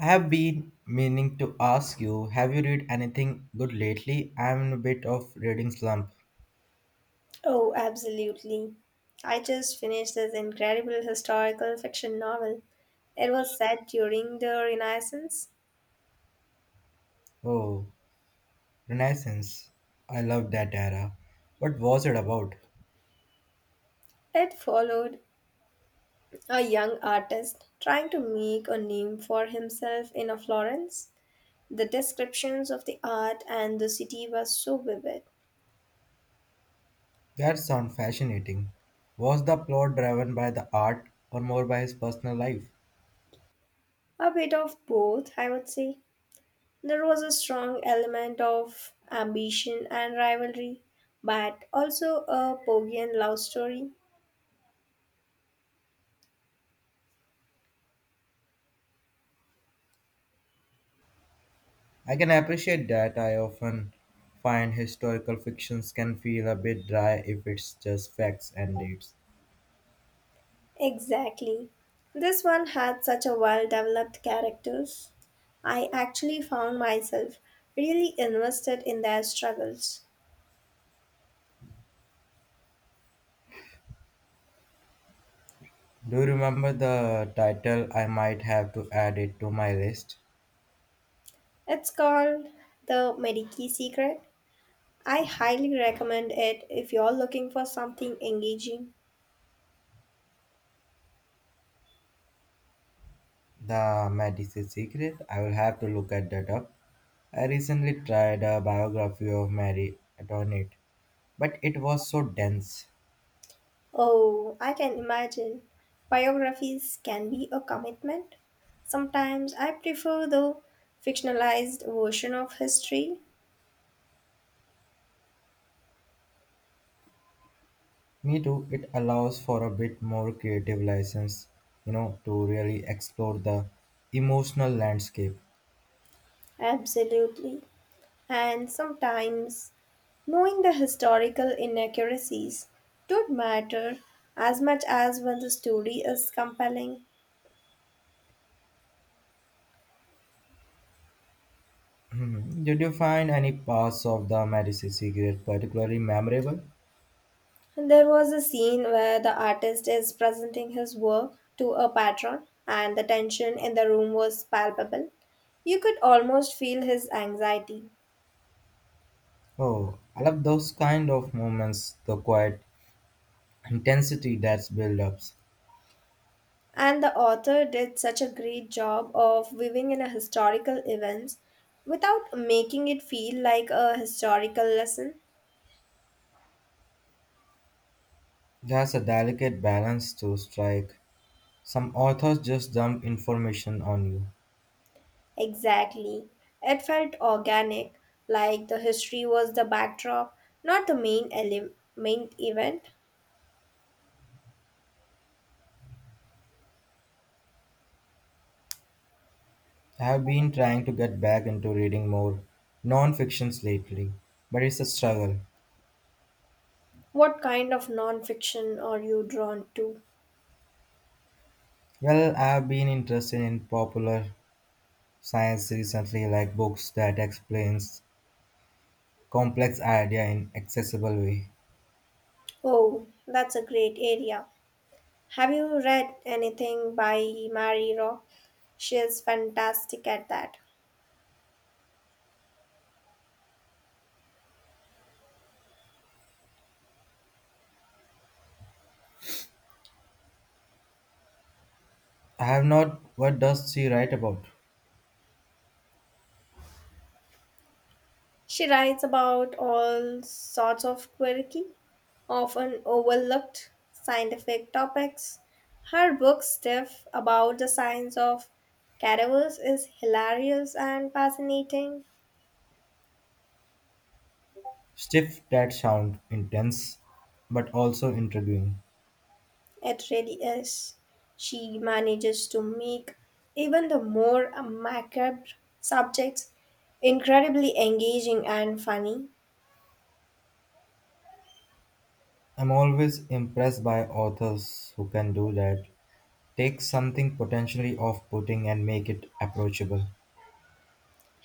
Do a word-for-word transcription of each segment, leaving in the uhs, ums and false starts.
I have been meaning to ask you, have you read anything good lately? I'm in a bit of reading slump. Oh, absolutely. I just finished this incredible historical fiction novel. It was set during the Renaissance. Oh, Renaissance. I love that era. What was it about? It followed a young artist trying to make a name for himself in a Florence. The descriptions of the art and the city were so vivid. That sounds fascinating. Was the plot driven by the art or more by his personal life? A bit of both, I would say. There was a strong element of ambition and rivalry, but also a Pogian love story. I can appreciate that. I often find historical fictions can feel a bit dry if it's just facts and dates. Exactly. This one had such a well developed characters. I actually found myself really invested in their struggles. Do you remember the title? I might have to add it to my list. It's called The Medici Secret. I highly recommend it if you're looking for something engaging. The Medicine Secret? I will have to look at that up. I recently tried a biography of Mary Antoinette, but it was so dense. Oh, I can imagine. Biographies can be a commitment. Sometimes I prefer the fictionalized version of history. Me too. It allows for a bit more creative license, you know, to really explore the emotional landscape. Absolutely. And sometimes knowing the historical inaccuracies don't matter as much as when the story is compelling. Hmm. Did you find any parts of the Medicine Secret particularly memorable? And there was a scene where the artist is presenting his work to a patron, and the tension in the room was palpable. You could almost feel his anxiety. Oh, I love those kind of moments, the quiet intensity that's build ups. And the author did such a great job of weaving in a historical events without making it feel like a historical lesson. There's a delicate balance to strike. Some authors just dump information on you. Exactly. It felt organic, like the history was the backdrop, not the main ele- main event. I have been trying to get back into reading more non fictions lately, but it's a struggle. What kind of non-fiction are you drawn to? Well, I have been interested in popular science recently, like books that explains complex idea in accessible way. Oh, that's a great area. Have you read anything by Mary Rock? She is fantastic at that. I have not. What does she write about? She writes about all sorts of quirky, often overlooked scientific topics. Her book, Stiff, about the science of cadavers, is hilarious and fascinating. Stiff, that sound intense, but also intriguing. It really is. She manages to make even the more macabre subjects incredibly engaging and funny. I'm always impressed by authors who can do that, take something potentially off-putting and make it approachable.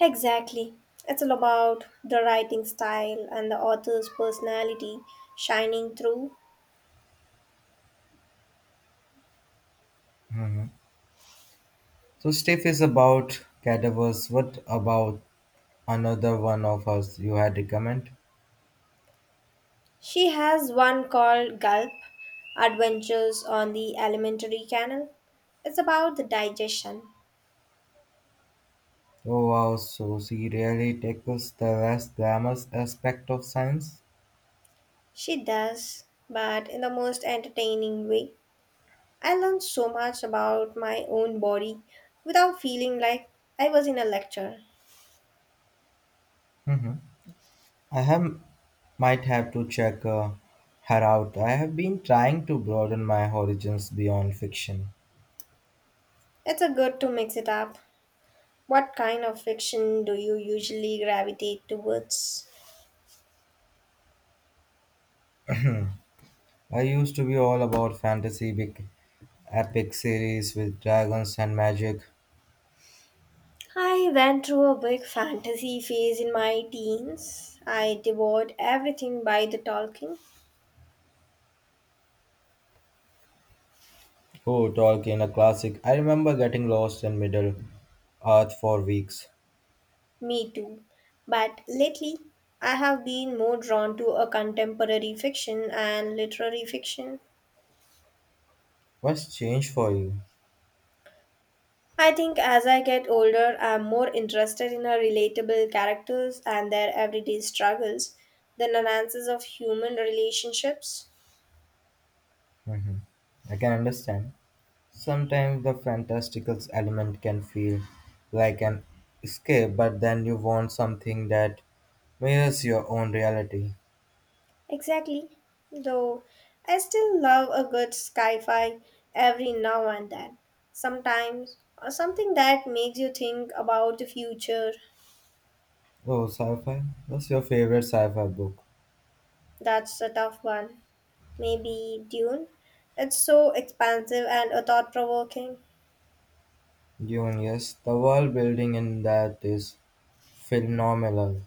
Exactly. It's all about the writing style and the author's personality shining through. So Steph is about cadavers. What about another one of us you had recommend? She has one called Gulp Adventures on the Alimentary Canal. It's about the digestion. Oh wow, so she really tackles the less glamorous aspect of science. She does, but in the most entertaining way. I learned so much about my own body without feeling like I was in a lecture. Hmm, I have might have to check uh, her out. I have been trying to broaden my horizons beyond fiction. It's a good to mix it up. What kind of fiction do you usually gravitate towards? I used to be all about fantasy, big epic series with dragons and magic. I went through a big fantasy phase in my teens. I devoured everything by the Tolkien. Oh, Tolkien, a classic. I remember getting lost in Middle Earth for weeks. Me too. But lately, I have been more drawn to a contemporary fiction and literary fiction. What's changed for you? I think as I get older, I'm more interested in her relatable characters and their everyday struggles than the nuances of human relationships. Mhm. I can understand. Sometimes the fantastical element can feel like an escape, but then you want something that mirrors your own reality. Exactly. Though I still love a good sci fi every now and then. Sometimes, or something that makes you think about the future. Oh, sci-fi? What's your favorite sci-fi book? That's a tough one. Maybe Dune? It's so expansive and a thought provoking. Dune, yes. The world building in that is phenomenal.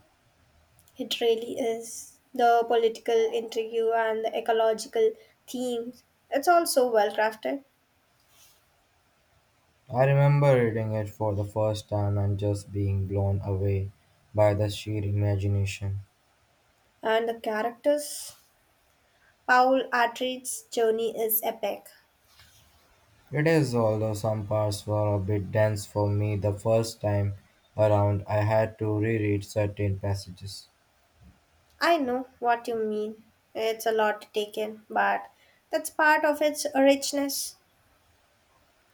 It really is. The political intrigue and the ecological themes. It's all so well crafted. I remember reading it for the first time and just being blown away by the sheer imagination. And the characters. Paul Atreides' journey is epic. It is, although some parts were a bit dense for me the first time around, I had to reread certain passages. I know what you mean. It's a lot to take in, but that's part of its richness.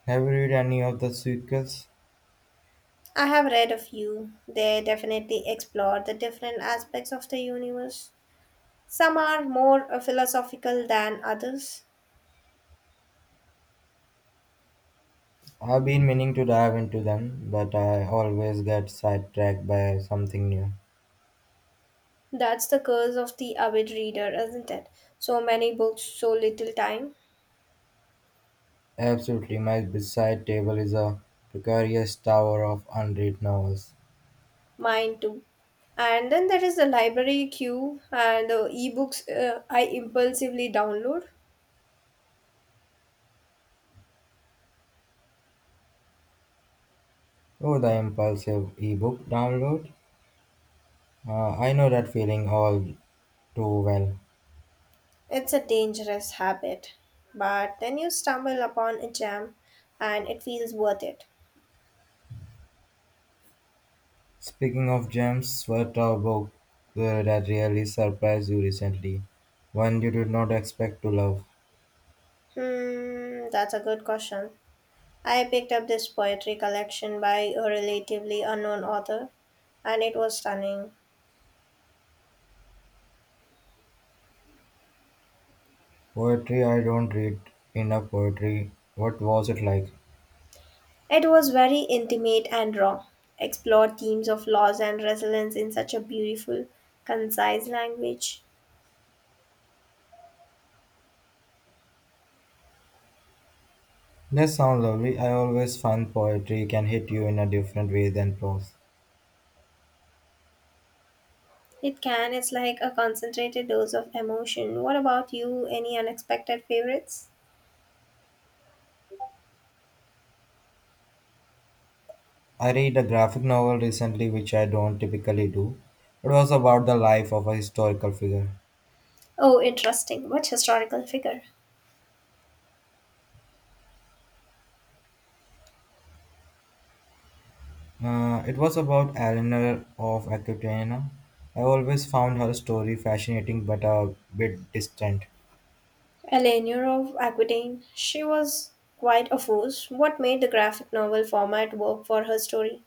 Have you read any of the sequels? I have read a few. They definitely explore the different aspects of the universe. Some are more uh, philosophical than others. I've been meaning to dive into them, but I always get sidetracked by something new. That's the curse of the avid reader, isn't it? So many books, so little time. Absolutely, my bedside table is a precarious tower of unread novels. Mine too. And then there is the library queue and the ebooks uh, I impulsively download. Oh, the impulsive ebook download. Uh, I know that feeling all too well. It's a dangerous habit, but then you stumble upon a gem and it feels worth it. Speaking of gems, what a book uh, that really surprised you recently? One you did not expect to love. Hmm, that's a good question. I picked up this poetry collection by a relatively unknown author and it was stunning. Poetry, I don't read enough poetry. What was it like? It was very intimate and raw, explored themes of loss and resilience in such a beautiful, concise language. That sounds lovely. I always find poetry can hit you in a different way than prose. It can, it's like a concentrated dose of emotion. What about you? Any unexpected favorites? I read a graphic novel recently, which I don't typically do. It was about the life of a historical figure. Oh, interesting. Which historical figure? Uh, it was about Eleanor of Aquitaine. I always found her story fascinating but a bit distant. Eleanor of Aquitaine. She was quite a force. What made the graphic novel format work for her story?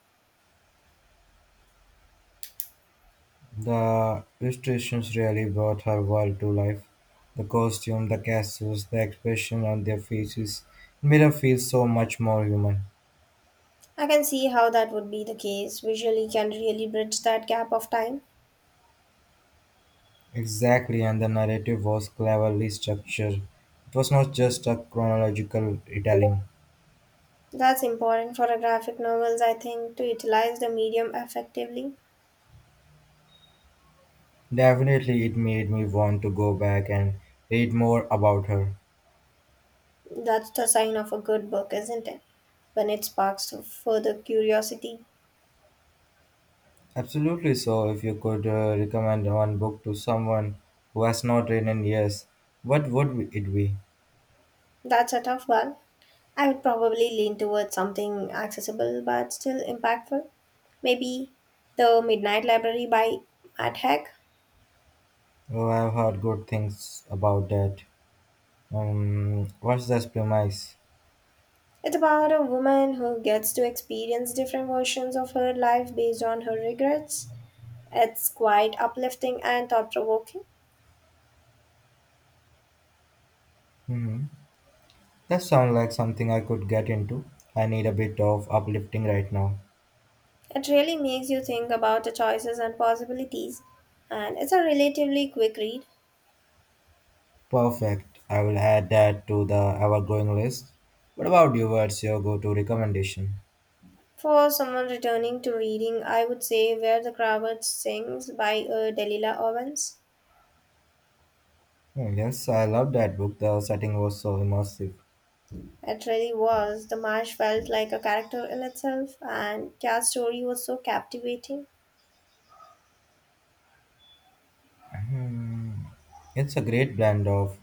The illustrations really brought her world to life. The costume, the castles, the expression on their faces made her feel so much more human. I can see how that would be the case. Visually can really bridge that gap of time. Exactly, and the narrative was cleverly structured. It was not just a chronological retelling. That's important for a graphic novels, I think, to utilize the medium effectively. Definitely, it made me want to go back and read more about her. That's the sign of a good book, isn't it? When it sparks further curiosity. Absolutely. So, if you could uh, recommend one book to someone who has not read in years, what would it be? That's a tough one. I would probably lean towards something accessible but still impactful. Maybe The Midnight Library by Matt Haig. Oh, I've heard good things about that. Um, what's this premise? It's about a woman who gets to experience different versions of her life based on her regrets. It's quite uplifting and thought provoking. Hmm, that sounds like something I could get into. I need a bit of uplifting right now. It really makes you think about the choices and possibilities, and it's a relatively quick read. Perfect. I will add that to the ever-growing list. What about you? What's your go-to recommendation? For someone returning to reading, I would say Where the Crawdads Sings by uh, Delilah Owens. Hmm, yes, I love that book. The setting was so immersive. It really was. The marsh felt like a character in itself, and Kat's story was so captivating. It's a great blend of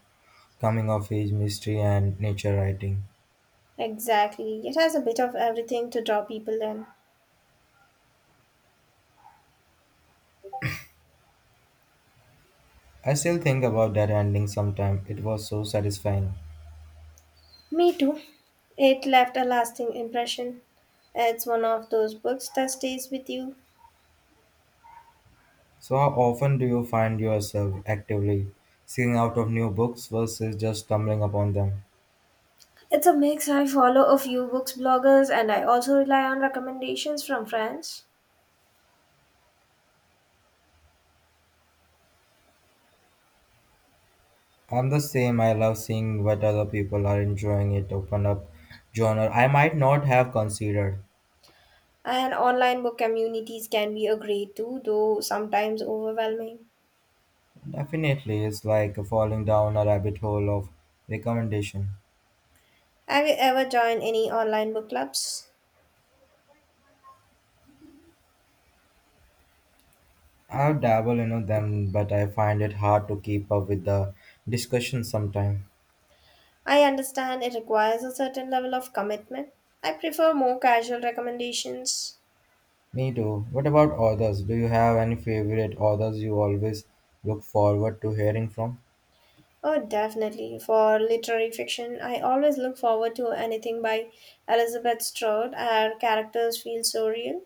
coming of age mystery and nature writing. Exactly. It has a bit of everything to draw people in. I still think about that ending sometime. It was so satisfying. Me too. It left a lasting impression. It's one of those books that stays with you. So, how often do you find yourself actively seeking out of new books versus just stumbling upon them? It's a mix. I follow a few books bloggers and I also rely on recommendations from friends. I'm the same. I love seeing what other people are enjoying it open up genre I might not have considered. And online book communities can be a great tool, though sometimes overwhelming. Definitely, it's like falling down a rabbit hole of recommendation. Have you ever joined any online book clubs? I've dabbled in them, but I find it hard to keep up with the discussion sometimes. I understand it requires a certain level of commitment. I prefer more casual recommendations. Me too. What about authors? Do you have any favorite authors you always look forward to hearing from? Oh, definitely. For literary fiction, I always look forward to anything by Elizabeth Strode. Her characters feel so real.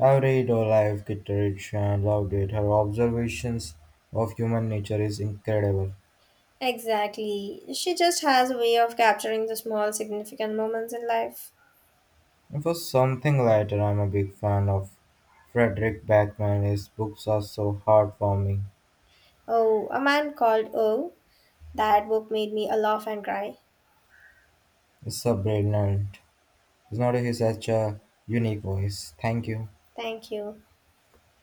I read Olive Kitteridge and loved it. Her observations of human nature is incredible. Exactly. She just has a way of capturing the small, significant moments in life. And for something lighter, I'm a big fan of Frederick Backman. His books are so heartwarming. Oh, A Man Called O. That book made me laugh and cry. It's so brilliant. It's not his such a unique voice. Thank you. Thank you.